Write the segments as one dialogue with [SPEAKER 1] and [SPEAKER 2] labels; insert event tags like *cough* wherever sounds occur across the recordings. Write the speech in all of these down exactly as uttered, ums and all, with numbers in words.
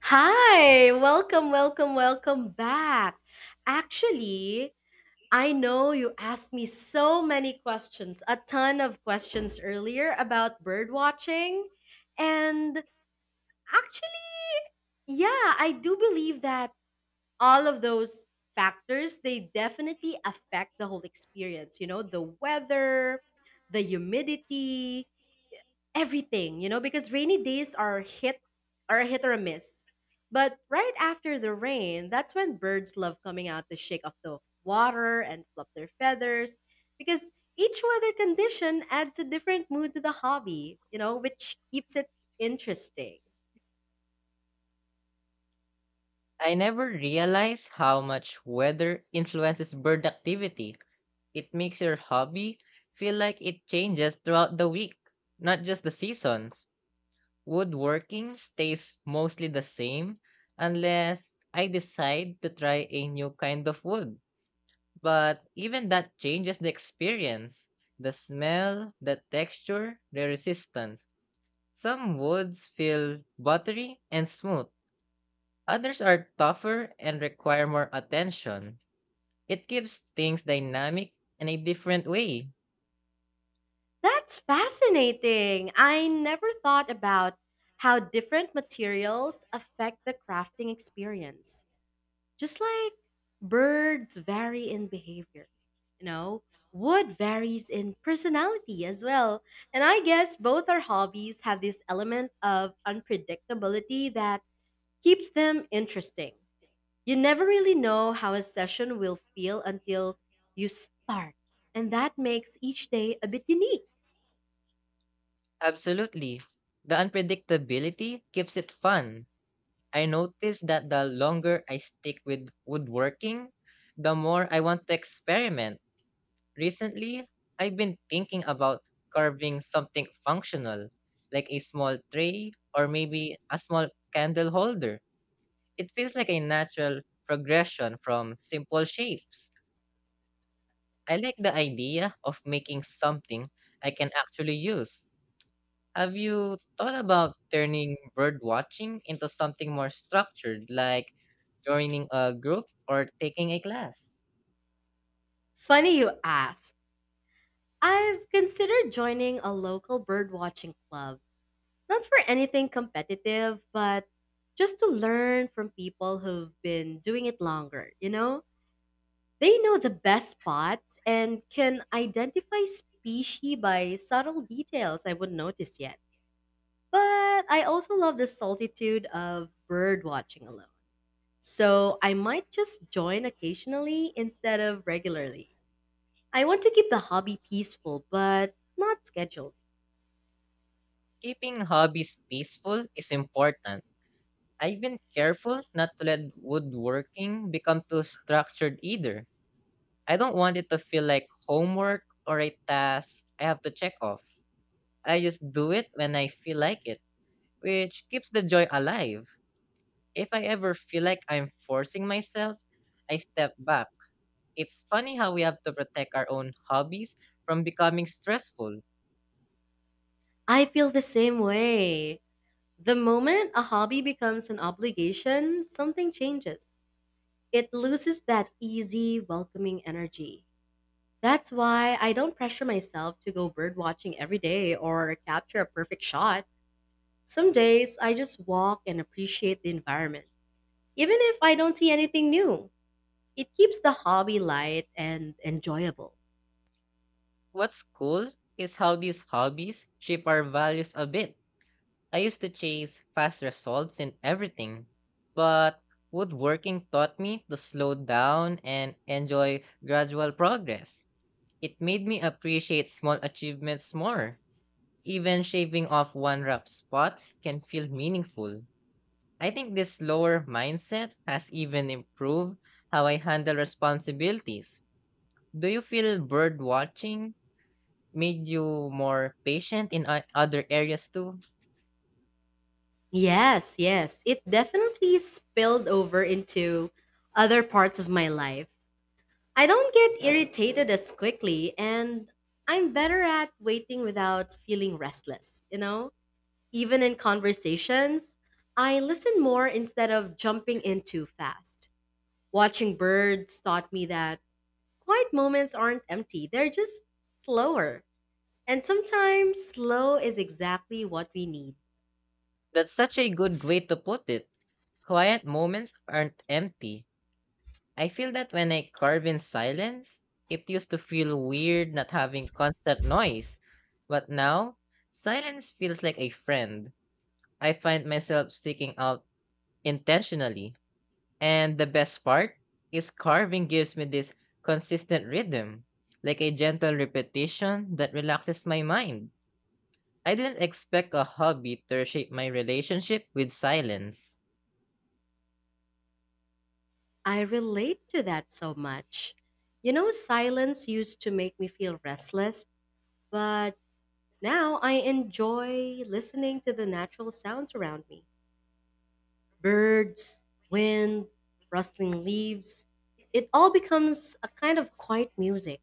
[SPEAKER 1] Hi, welcome, welcome, welcome back. Actually, I know you asked me so many questions, a ton of questions earlier about bird watching. And actually, yeah, I do believe that all of those factors, they definitely affect the whole experience, you know, the weather, the humidity, everything, you know, because rainy days are hit are a hit or a miss. But right after the rain, that's when birds love coming out to shake off the water and flop their feathers because each weather condition adds a different mood to the hobby, you know, which keeps it interesting.
[SPEAKER 2] I never realized how much weather influences bird activity. It makes your hobby feel like it changes throughout the week, not just the seasons. Woodworking stays mostly the same unless I decide to try a new kind of wood. But even that changes the experience. The smell, the texture, the resistance. Some woods feel buttery and smooth. Others are tougher and require more attention. It gives things dynamic in a different way.
[SPEAKER 1] That's fascinating. I never thought about how different materials affect the crafting experience. Just like birds vary in behavior, you know, wood varies in personality as well. And I guess both our hobbies have this element of unpredictability that keeps them interesting. You never really know how a session will feel until you start, and that makes each day a bit unique.
[SPEAKER 2] Absolutely. The unpredictability keeps it fun. I noticed that the longer I stick with woodworking, the more I want to experiment. Recently, I've been thinking about carving something functional, like a small tray or maybe a small candle holder. It feels like a natural progression from simple shapes. I like the idea of making something I can actually use. Have you thought about turning bird watching into something more structured, like joining a group or taking a class?
[SPEAKER 1] Funny you ask. I've considered joining a local birdwatching club. Not for anything competitive, but just to learn from people who've been doing it longer, you know? They know the best spots and can identify species by subtle details I wouldn't notice yet. But I also love the solitude of bird watching alone. So I might just join occasionally instead of regularly. I want to keep the hobby peaceful, but not scheduled.
[SPEAKER 2] Keeping hobbies peaceful is important. I've been careful not to let woodworking become too structured either. I don't want it to feel like homework or a task I have to check off. I just do it when I feel like it, which keeps the joy alive. If I ever feel like I'm forcing myself, I step back. It's funny how we have to protect our own hobbies from becoming stressful.
[SPEAKER 1] I feel the same way. The moment a hobby becomes an obligation, something changes. It loses that easy, welcoming energy. That's why I don't pressure myself to go bird watching every day or capture a perfect shot. Some days I just walk and appreciate the environment, even if I don't see anything new. It keeps the hobby light and enjoyable.
[SPEAKER 2] What's cool is how these hobbies shape our values a bit. I used to chase fast results in everything, but woodworking taught me to slow down and enjoy gradual progress. It made me appreciate small achievements more. Even shaving off one rough spot can feel meaningful. I think this slower mindset has even improved how I handle responsibilities. Do you feel bird watching made you more patient in o- other areas too?
[SPEAKER 1] Yes, yes, it definitely spilled over into other parts of my life. I don't get irritated as quickly, and I'm better at waiting without feeling restless, you know? Even in conversations, I listen more instead of jumping in too fast. Watching birds taught me that quiet moments aren't empty, they're just slower. And sometimes slow is exactly what we need.
[SPEAKER 2] That's such a good way to put it. Quiet moments aren't empty. I feel that when I carve in silence, it used to feel weird not having constant noise. But now, silence feels like a friend. I find myself seeking out intentionally. And the best part is carving gives me this consistent rhythm, like a gentle repetition that relaxes my mind. I didn't expect a hobby to reshape my relationship with silence.
[SPEAKER 1] I relate to that so much. You know, silence used to make me feel restless, but now I enjoy listening to the natural sounds around me: birds, wind, rustling leaves. It all becomes a kind of quiet music.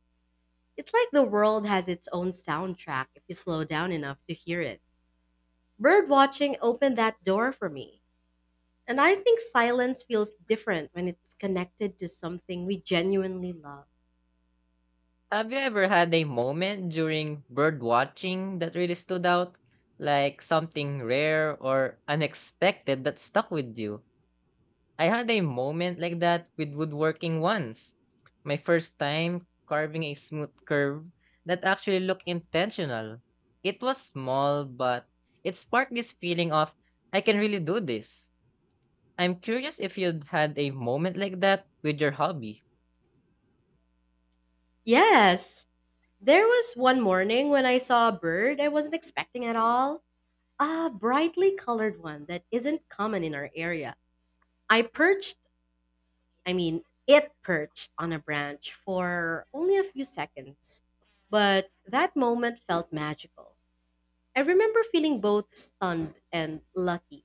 [SPEAKER 1] It's like the world has its own soundtrack if you slow down enough to hear it. Bird watching opened that door for me. And I think silence feels different when it's connected to something we genuinely love.
[SPEAKER 2] Have you ever had a moment during bird watching that really stood out? Like something rare or unexpected that stuck with you? I had a moment like that with woodworking once. My first time carving a smooth curve that actually looked intentional. It was small, but it sparked this feeling of, I can really do this. I'm curious if you'd had a moment like that with your hobby.
[SPEAKER 1] Yes, there was one morning when I saw a bird I wasn't expecting at all. A brightly colored one that isn't common in our area. I perched, I mean, It perched on a branch for only a few seconds, but that moment felt magical. I remember feeling both stunned and lucky.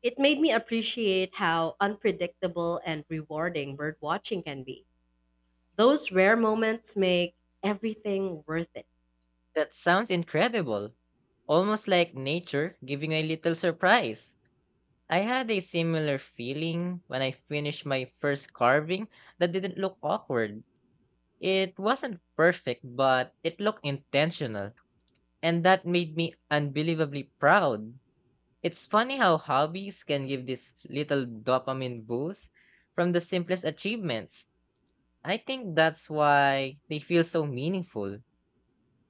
[SPEAKER 1] It made me appreciate how unpredictable and rewarding bird watching can be. Those rare moments make everything worth it.
[SPEAKER 2] That sounds incredible, almost like nature giving a little surprise. I had a similar feeling when I finished my first carving that didn't look awkward. It wasn't perfect, but it looked intentional, and that made me unbelievably proud. It's funny how hobbies can give this little dopamine boost from the simplest achievements. I think that's why they feel so meaningful.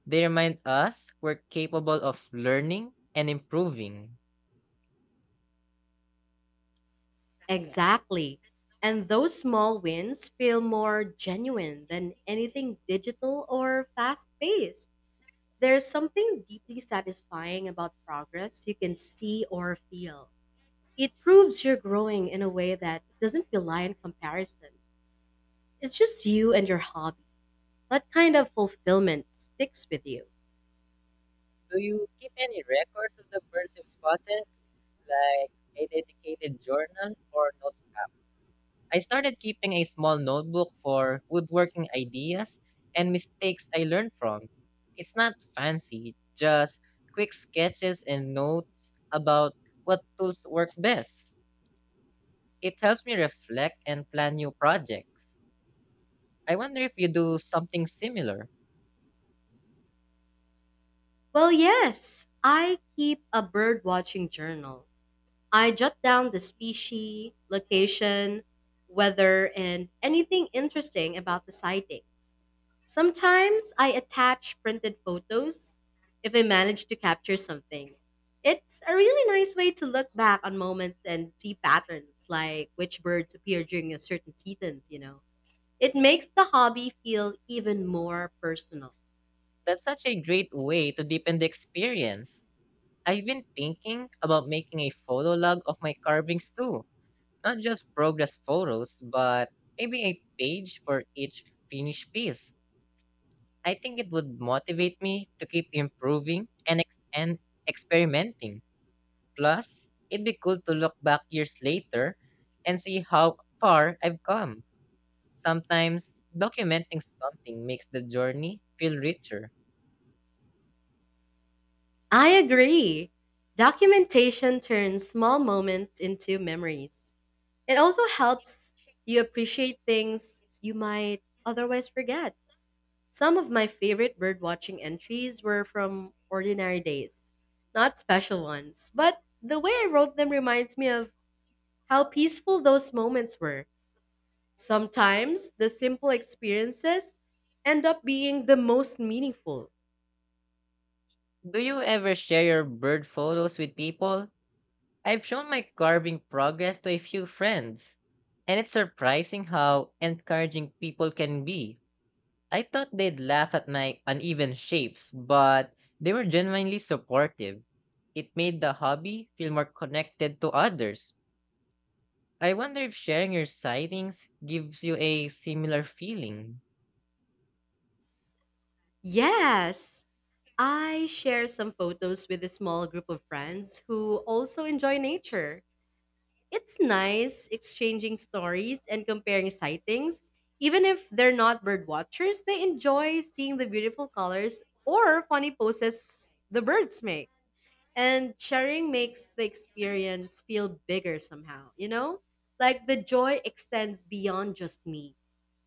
[SPEAKER 2] They remind us we're capable of learning and improving.
[SPEAKER 1] Exactly. And those small wins feel more genuine than anything digital or fast paced. There's something deeply satisfying about progress you can see or feel. It proves you're growing in a way that doesn't rely on comparison. It's just you and your hobby. That kind of fulfillment sticks with you.
[SPEAKER 2] Do you keep any records of the birds you've spotted, like a dedicated journal or notes? I started keeping a small notebook for woodworking ideas and mistakes I learned from. It's not fancy, just quick sketches and notes about what tools work best. It helps me reflect and plan new projects. I wonder if you do something similar.
[SPEAKER 1] Well, yes, I keep a bird watching journal. I jot down the species, location, weather, and anything interesting about the sighting. Sometimes I attach printed photos if I manage to capture something. It's a really nice way to look back on moments and see patterns, like which birds appear during a certain seasons, you know. It makes the hobby feel even more personal.
[SPEAKER 2] That's such a great way to deepen the experience. I've been thinking about making a photo log of my carvings too, not just progress photos, but maybe a page for each finished piece. I think it would motivate me to keep improving and, ex- and experimenting. Plus, it'd be cool to look back years later and see how far I've come. Sometimes, documenting something makes the journey feel richer.
[SPEAKER 1] I agree. Documentation turns small moments into memories. It also helps you appreciate things you might otherwise forget. Some of my favorite birdwatching entries were from ordinary days, not special ones, but the way I wrote them reminds me of how peaceful those moments were. Sometimes the simple experiences end up being the most meaningful.
[SPEAKER 2] Do you ever share your bird photos with people? I've shown my carving progress to a few friends, and it's surprising how encouraging people can be. I thought they'd laugh at my uneven shapes, but they were genuinely supportive. It made the hobby feel more connected to others. I wonder if sharing your sightings gives you a similar feeling.
[SPEAKER 1] Yes, I share some photos with a small group of friends who also enjoy nature. It's nice exchanging stories and comparing sightings. Even if they're not bird watchers, they enjoy seeing the beautiful colors or funny poses the birds make. And sharing makes the experience feel bigger somehow, you know? Like the joy extends beyond just me.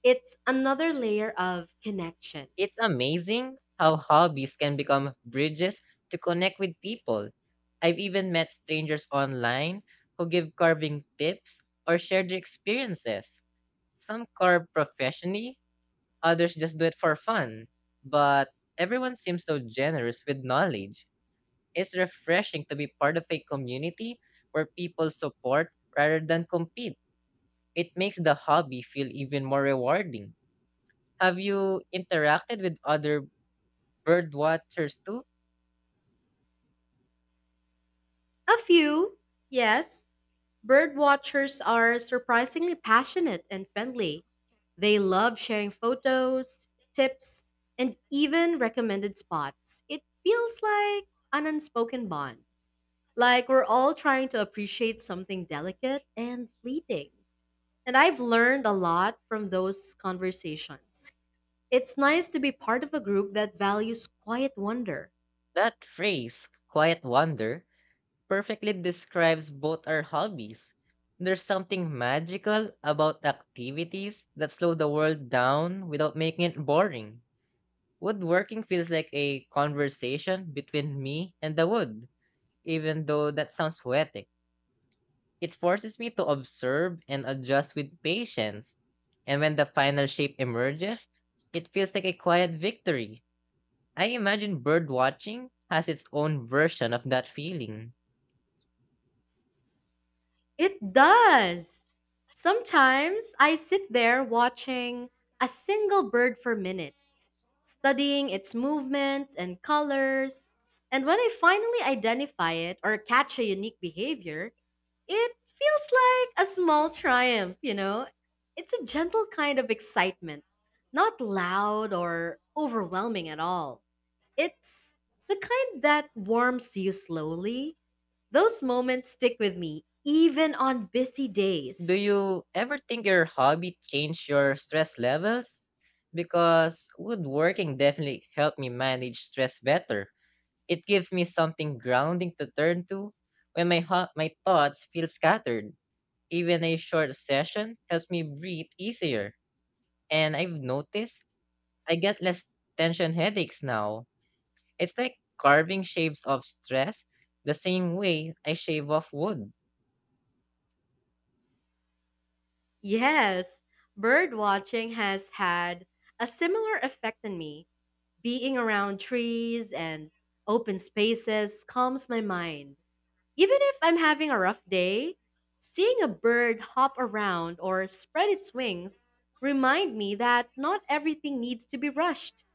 [SPEAKER 1] It's another layer of connection.
[SPEAKER 2] It's amazing how hobbies can become bridges to connect with people. I've even met strangers online who give carving tips or share their experiences. Some carve professionally, others just do it for fun. But everyone seems so generous with knowledge. It's refreshing to be part of a community where people support rather than compete. It makes the hobby feel even more rewarding. Have you interacted with other birdwatchers too?
[SPEAKER 1] A few, yes. Birdwatchers are surprisingly passionate and friendly. They love sharing photos, tips, and even recommended spots. It feels like an unspoken bond. Like we're all trying to appreciate something delicate and fleeting. And I've learned a lot from those conversations. It's nice to be part of a group that values quiet wonder.
[SPEAKER 2] That phrase, quiet wonder, perfectly describes both our hobbies. There's something magical about activities that slow the world down without making it boring. Woodworking feels like a conversation between me and the wood, even though that sounds poetic. It forces me to observe and adjust with patience. And when the final shape emerges, it feels like a quiet victory. I imagine bird watching has its own version of that feeling.
[SPEAKER 1] It does. Sometimes I sit there watching a single bird for minutes, studying its movements and colors, and when I finally identify it or catch a unique behavior, it feels like a small triumph, you know? It's a gentle kind of excitement, not loud or overwhelming at all. It's the kind that warms you slowly. Those moments stick with me, even on busy
[SPEAKER 2] Do
[SPEAKER 1] days.
[SPEAKER 2] you ever think your hobby changed your stress levels? Because woodworking definitely helped me manage stress better. It gives me something grounding to turn to when my ho- my thoughts feel scattered. Even a short session helps me breathe easier. And I've noticed I get less tension headaches now. It's like carving shapes of stress the same way I shave off wood.
[SPEAKER 1] Yes, bird watching has had a similar effect on me. Being around trees and open spaces calms my mind. Even if I'm having a rough day, seeing a bird hop around or spread its wings remind me that not everything needs to be rushed.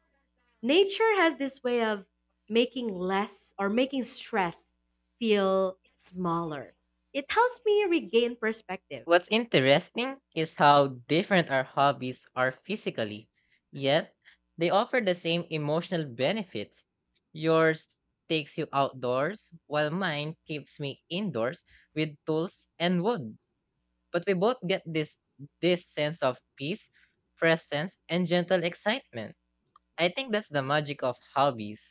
[SPEAKER 1] Nature has this way of making less or making stress feel smaller. It helps me regain perspective.
[SPEAKER 2] What's interesting is how different our hobbies are physically, yet they offer the same emotional benefits. Yours takes you outdoors, while mine keeps me indoors with tools and wood. But we both get this this sense of peace, presence, and gentle excitement. I think that's the magic of hobbies.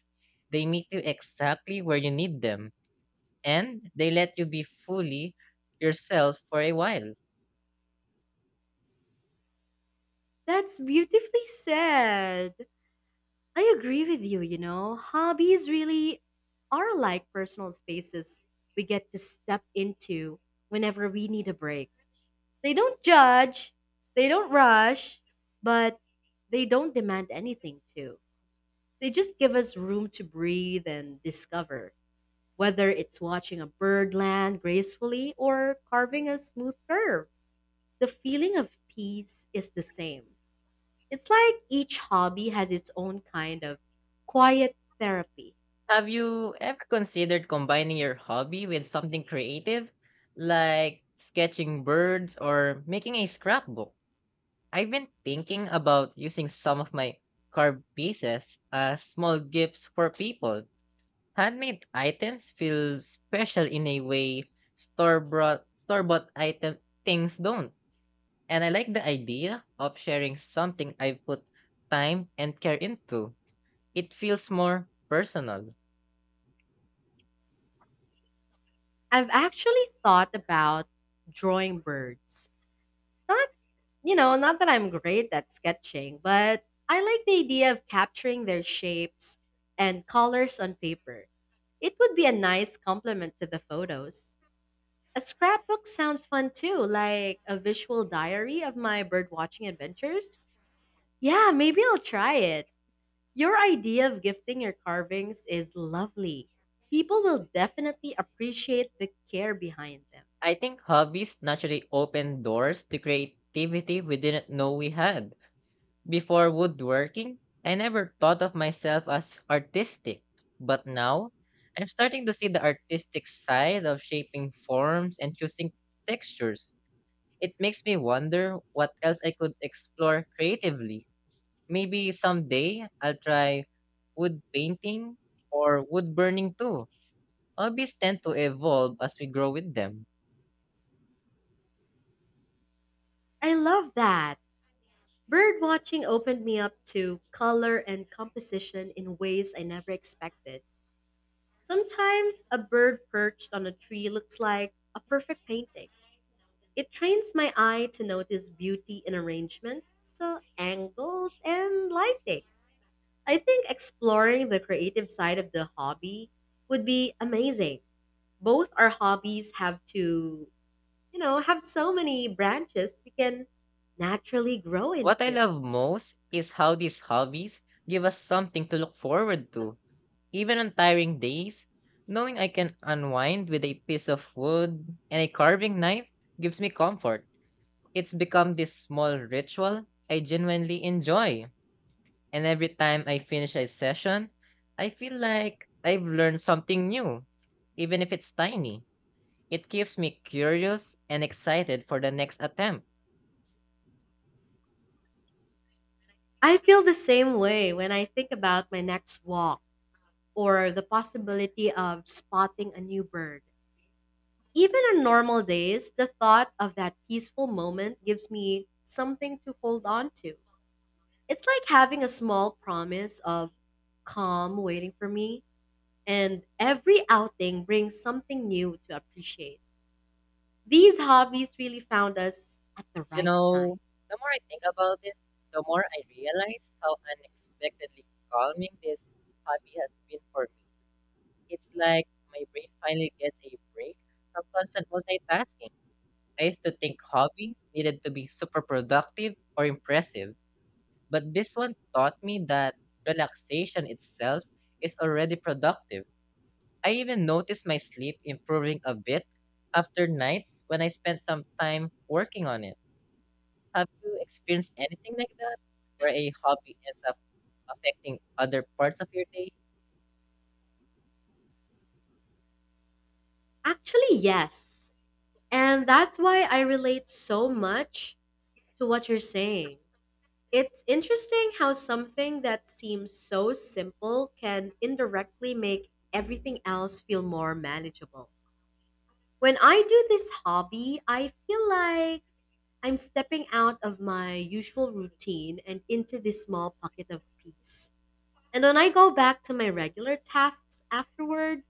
[SPEAKER 2] They meet you exactly where you need them and they let you be fully yourself for a while.
[SPEAKER 1] That's beautifully said. I agree with you, you know. Hobbies really are like personal spaces we get to step into whenever we need a break. They don't judge, they don't rush, but they don't demand anything, too. They just give us room to breathe and discover. Whether it's watching a bird land gracefully or carving a smooth curve, the feeling of peace is the same. It's like each hobby has its own kind of quiet therapy.
[SPEAKER 2] Have you ever considered combining your hobby with something creative, like sketching birds or making a scrapbook? I've been thinking about using some of my carved pieces as small gifts for people. Handmade items feel special in a way store bought store bought item things don't. And I like the idea of sharing something I've put time and care into. It feels more personal.
[SPEAKER 1] I've actually thought about drawing birds. Not, you know, not that I'm great at sketching, but I like the idea of capturing their shapes and colors on paper. It would be a nice complement to the photos. A scrapbook sounds fun too, like a visual diary of my birdwatching adventures. Yeah, maybe I'll try it. Your idea of gifting your carvings is lovely. People will definitely appreciate the care behind them.
[SPEAKER 2] I think hobbies naturally open doors to creativity we didn't know we had. Before woodworking, I never thought of myself as artistic. But now, I'm starting to see the artistic side of shaping forms and choosing textures. It makes me wonder what else I could explore creatively. Maybe someday I'll try wood painting or wood burning too. Hobbies tend to evolve as we grow with them.
[SPEAKER 1] I love that. Birdwatching opened me up to color and composition in ways I never expected. Sometimes a bird perched on a tree looks like a perfect painting. It trains my eye to notice beauty in arrangement, so angles and lighting. I think exploring the creative side of the hobby would be amazing. Both our hobbies have to, you know, have so many branches we can naturally grow
[SPEAKER 2] What I
[SPEAKER 1] into.
[SPEAKER 2] love most is how these hobbies give us something to look forward to. Even on tiring days, knowing I can unwind with a piece of wood and a carving knife gives me comfort. It's become this small ritual I genuinely enjoy. And every time I finish a session, I feel like I've learned something new, even if it's tiny. It keeps me curious and excited for the next attempt.
[SPEAKER 1] I feel the same way when I think about my next walk or the possibility of spotting a new bird. Even on normal days, the thought of that peaceful moment gives me something to hold on to. It's like having a small promise of calm waiting for me, and every outing brings something new to appreciate. These hobbies really found us at the
[SPEAKER 2] You
[SPEAKER 1] right time.
[SPEAKER 2] know, the more I think about it, the more I realize how unexpectedly calming this hobby has been for me. It's like my brain finally gets a break from constant multitasking. I used to think hobbies needed to be super productive or impressive. But this one taught me that relaxation itself is already productive. I even noticed my sleep improving a bit after nights when I spent some time working on it. Have you experienced anything like that, where a hobby ends up affecting other parts of your day?
[SPEAKER 1] Actually, yes. And that's why I relate so much to what you're saying. It's interesting how something that seems so simple can indirectly make everything else feel more manageable. When I do this hobby, I feel like I'm stepping out of my usual routine and into this small pocket of peace. And when I go back to my regular tasks afterward,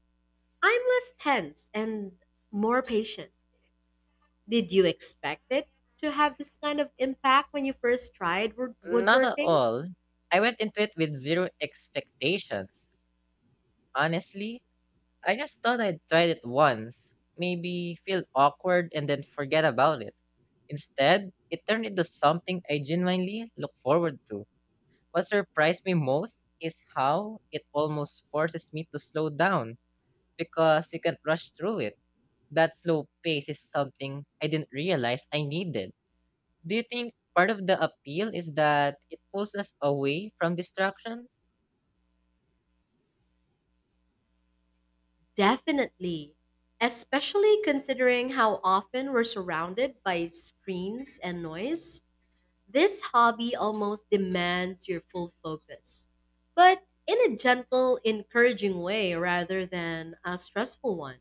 [SPEAKER 1] I'm less tense and more patient. Did you expect it to have this kind of impact when you first tried wood-
[SPEAKER 2] Not at
[SPEAKER 1] woodworking?
[SPEAKER 2] all. I went into it with zero expectations. Honestly, I just thought I'd tried it once, maybe feel awkward and then forget about it. Instead, it turned into something I genuinely look forward to. What surprised me most is how it almost forces me to slow down because you can't rush through it. That slow pace is something I didn't realize I needed. Do you think part of the appeal is that it pulls us away from distractions?
[SPEAKER 1] Definitely, especially considering how often we're surrounded by screens and noise. This hobby almost demands your full focus, but in a gentle, encouraging way rather than a stressful one.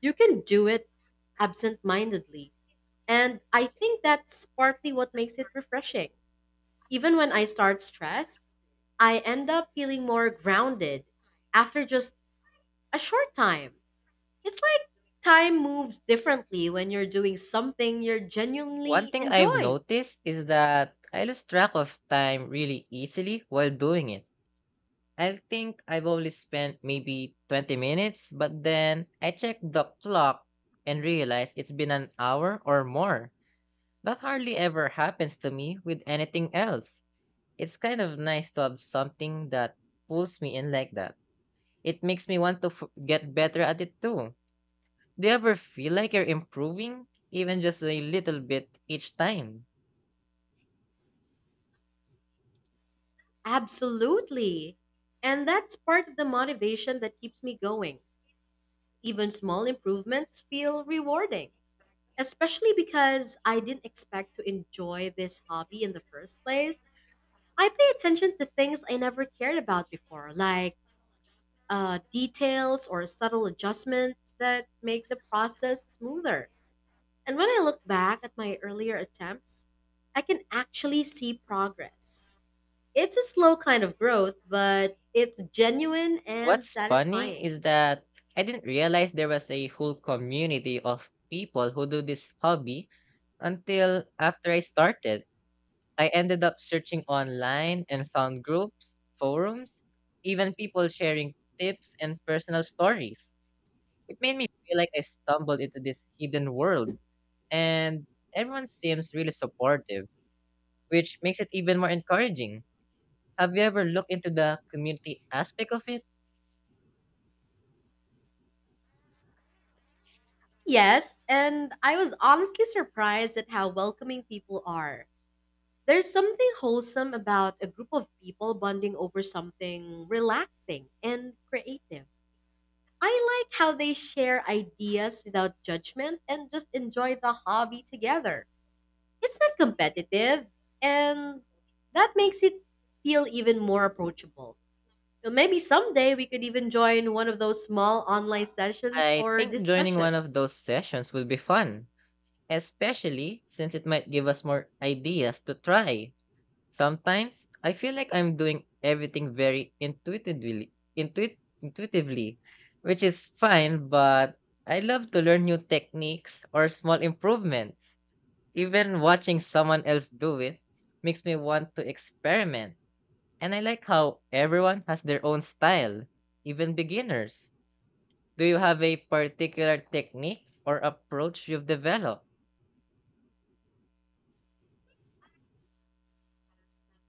[SPEAKER 1] You can do it absent mindedly, and I think that's partly what makes it refreshing. Even when I start stressed, I end up feeling more grounded after just a short time. It's like time moves differently when you're doing something you
[SPEAKER 2] One
[SPEAKER 1] genuinely
[SPEAKER 2] thing I've
[SPEAKER 1] enjoy.
[SPEAKER 2] noticed is that I lose track of time really easily while doing it. I think I've only spent maybe twenty minutes, but then I check the clock and realize it's been an hour or more. That hardly ever happens to me with anything else. It's kind of nice to have something that pulls me in like that. It makes me want to f- get better at it too. Do you ever feel like you're improving, even just a little bit each time?
[SPEAKER 1] Absolutely. And that's part of the motivation that keeps me going. Even small improvements feel rewarding, especially because I didn't expect to enjoy this hobby in the first place. I pay attention to things I never cared about before, like uh, details or subtle adjustments that make the process smoother. And when I look back at my earlier attempts, I can actually see progress. It's a slow kind of growth, but it's genuine and
[SPEAKER 2] What's funny
[SPEAKER 1] satisfying.
[SPEAKER 2] is that I didn't realize there was a whole community of people who do this hobby until after I started. I ended up searching online and found groups, forums, even people sharing tips and personal stories. It made me feel like I stumbled into this hidden world, and everyone seems really supportive, which makes it even more encouraging. Have you ever looked into the community aspect of it?
[SPEAKER 1] Yes, and I was honestly surprised at how welcoming people are. There's something wholesome about a group of people bonding over something relaxing and creative. I like how they share ideas without judgment and just enjoy the hobby together. It's not competitive, and that makes it feel even more approachable. And maybe someday we could even join one of those small online sessions
[SPEAKER 2] I
[SPEAKER 1] or
[SPEAKER 2] think joining one of
[SPEAKER 1] discussions.
[SPEAKER 2] those sessions would be fun, especially since it might give us more ideas to try. Sometimes I feel like I'm doing everything very intuitively, intuit, intuitively, which is fine, but I love to learn new techniques or small improvements. Even watching someone else do it makes me want to experiment. And I like how everyone has their own style, even beginners. Do you have a particular technique or approach you've developed?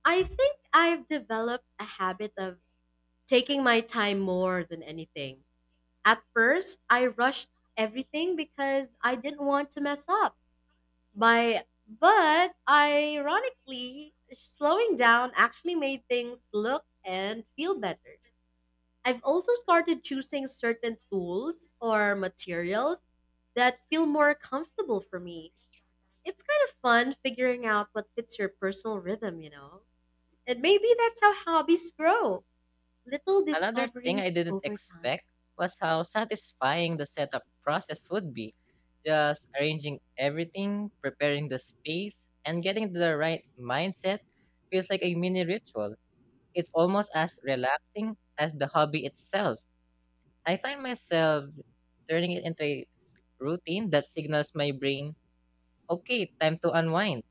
[SPEAKER 1] I think I've developed a habit of taking my time more than anything. At first, I rushed everything because I didn't want to mess up. By But ironically, slowing down actually made things look and feel better. I've also started choosing certain tools or materials that feel more comfortable for me. It's kind of fun figuring out what fits your personal rhythm, you know? And maybe that's how hobbies grow, little
[SPEAKER 2] Another thing I
[SPEAKER 1] discoveries
[SPEAKER 2] didn't
[SPEAKER 1] over time.
[SPEAKER 2] expect was how satisfying the setup process would be. Just arranging everything, preparing the space, and getting to the right mindset feels like a mini ritual. It's almost as relaxing as the hobby itself. I find myself turning it into a routine that signals my brain, okay, time to unwind.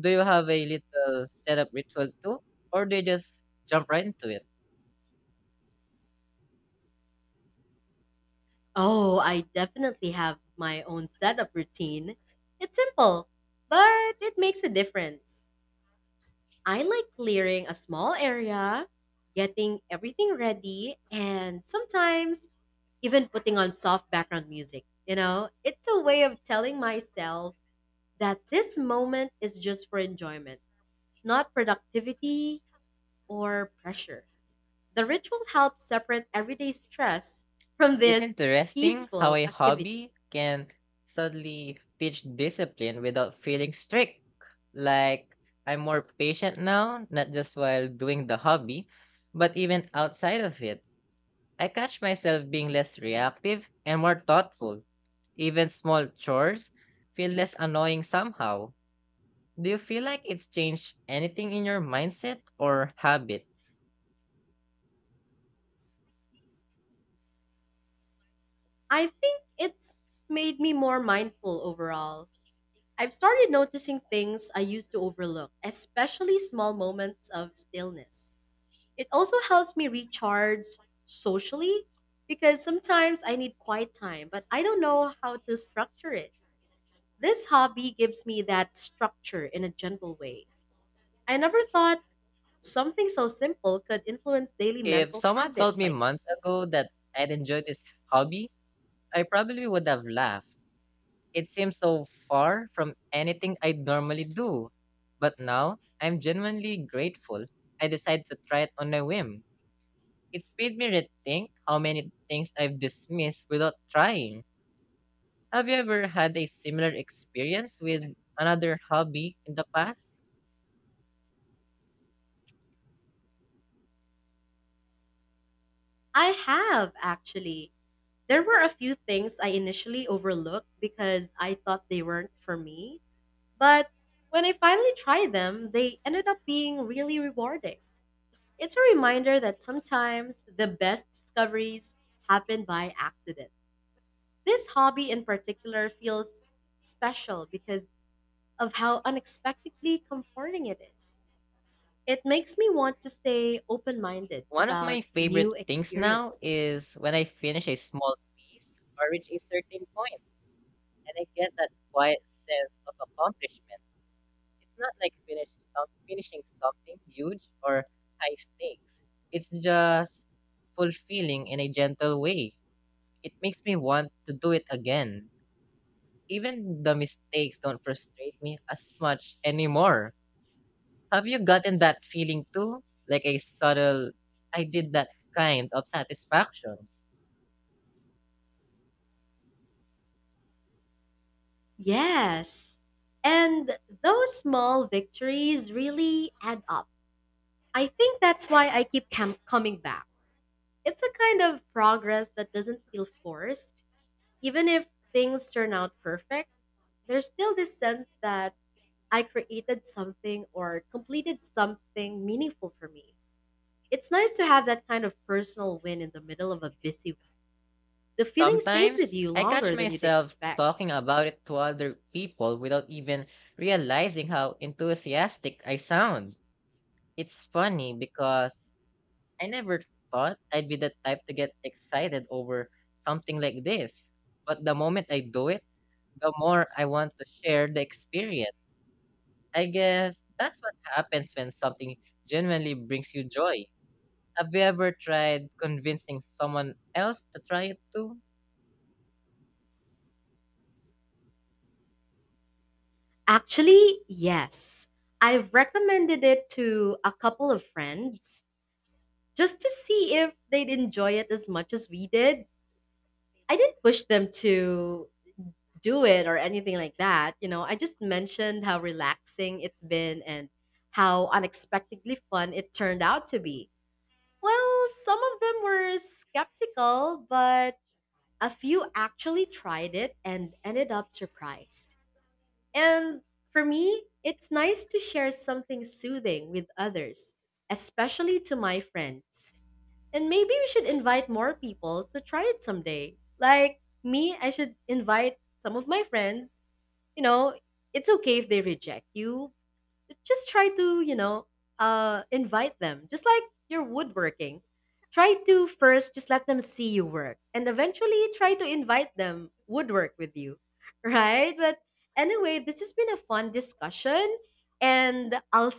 [SPEAKER 2] Do you have a little setup ritual too, or do you just jump right into it?
[SPEAKER 1] Oh, I definitely have my own setup routine. It's simple, but it makes a difference. I like clearing a small area, getting everything ready, and sometimes even putting on soft background music. You know, it's a way of telling myself that this moment is just for enjoyment, not productivity or pressure. The ritual helps separate everyday stress from
[SPEAKER 2] It's
[SPEAKER 1] this
[SPEAKER 2] interesting how
[SPEAKER 1] peaceful
[SPEAKER 2] a
[SPEAKER 1] activity.
[SPEAKER 2] hobby can suddenly teach discipline without feeling strict. Like, I'm more patient now, not just while doing the hobby, but even outside of it. I catch myself being less reactive and more thoughtful. Even small chores feel less annoying somehow. Do you feel like it's changed anything in your mindset or habits?
[SPEAKER 1] I think it's made me more mindful overall. I've started noticing things I used to overlook, especially small moments of stillness. It also helps me recharge socially because sometimes I need quiet time, but I don't know how to structure it. This hobby gives me that structure in a gentle way. I never thought something so simple could influence daily
[SPEAKER 2] If
[SPEAKER 1] mental
[SPEAKER 2] someone told
[SPEAKER 1] habits
[SPEAKER 2] me
[SPEAKER 1] like
[SPEAKER 2] months
[SPEAKER 1] this.
[SPEAKER 2] ago that I'd enjoy this hobby, I probably would have laughed. It seems so far from anything I'd normally do. But now, I'm genuinely grateful I decided to try it on a whim. It's made me rethink how many things I've dismissed without trying. Have you ever had a similar experience with another hobby in the past?
[SPEAKER 1] I have actually. There were a few things I initially overlooked because I thought they weren't for me, but when I finally tried them, they ended up being really rewarding. It's a reminder that sometimes the best discoveries happen by accident. This hobby in particular feels special because of how unexpectedly comforting it is. It makes me want to stay open minded
[SPEAKER 2] One of my
[SPEAKER 1] about
[SPEAKER 2] favorite
[SPEAKER 1] new
[SPEAKER 2] things now
[SPEAKER 1] experiences.
[SPEAKER 2] is when I finish a small piece or reach a certain point, and I get that quiet sense of accomplishment. It's not like finish some finishing something huge or high stakes. It's just fulfilling in a gentle way. It makes me want to do it again. Even the mistakes don't frustrate me as much anymore. Have you gotten that feeling too? Like a subtle I did that kind of satisfaction.
[SPEAKER 1] Yes, and those small victories really add up. I think that's why I keep cam- coming back. It's a kind of progress that doesn't feel forced even if things turn out perfect, there's still this sense that I created something or completed something meaningful for me. It's nice to have that kind of personal win in the middle of a busy week. The feeling stays with
[SPEAKER 2] Sometimes
[SPEAKER 1] you
[SPEAKER 2] I catch
[SPEAKER 1] longer than you'd
[SPEAKER 2] myself
[SPEAKER 1] expect.
[SPEAKER 2] talking about it to other people without even realizing how enthusiastic I sound. It's funny because I never thought I'd be the type to get excited over something like this. But the moment I do it, the more I want to share the experience. I guess that's what happens when something genuinely brings you joy. Have you ever tried convincing someone else to try it too?
[SPEAKER 1] Actually, yes. I've recommended it to a couple of friends just to see if they'd enjoy it as much as we did. I didn't push them to do it or anything like that. You know, I just mentioned how relaxing it's been and how unexpectedly fun it turned out to be. Well, some of them were skeptical, but a few actually tried it and ended up surprised. And for me, it's nice to share something soothing with others, especially to my friends. And maybe we should invite more people to try it someday. Like me, I should invite some of my friends. You know, it's okay if they reject you. Just try to, you know, uh, invite them. Just like you're woodworking, try to first just let them see you work, and eventually try to invite them woodwork with you, *laughs* right? But anyway, this has been a fun discussion, and I'll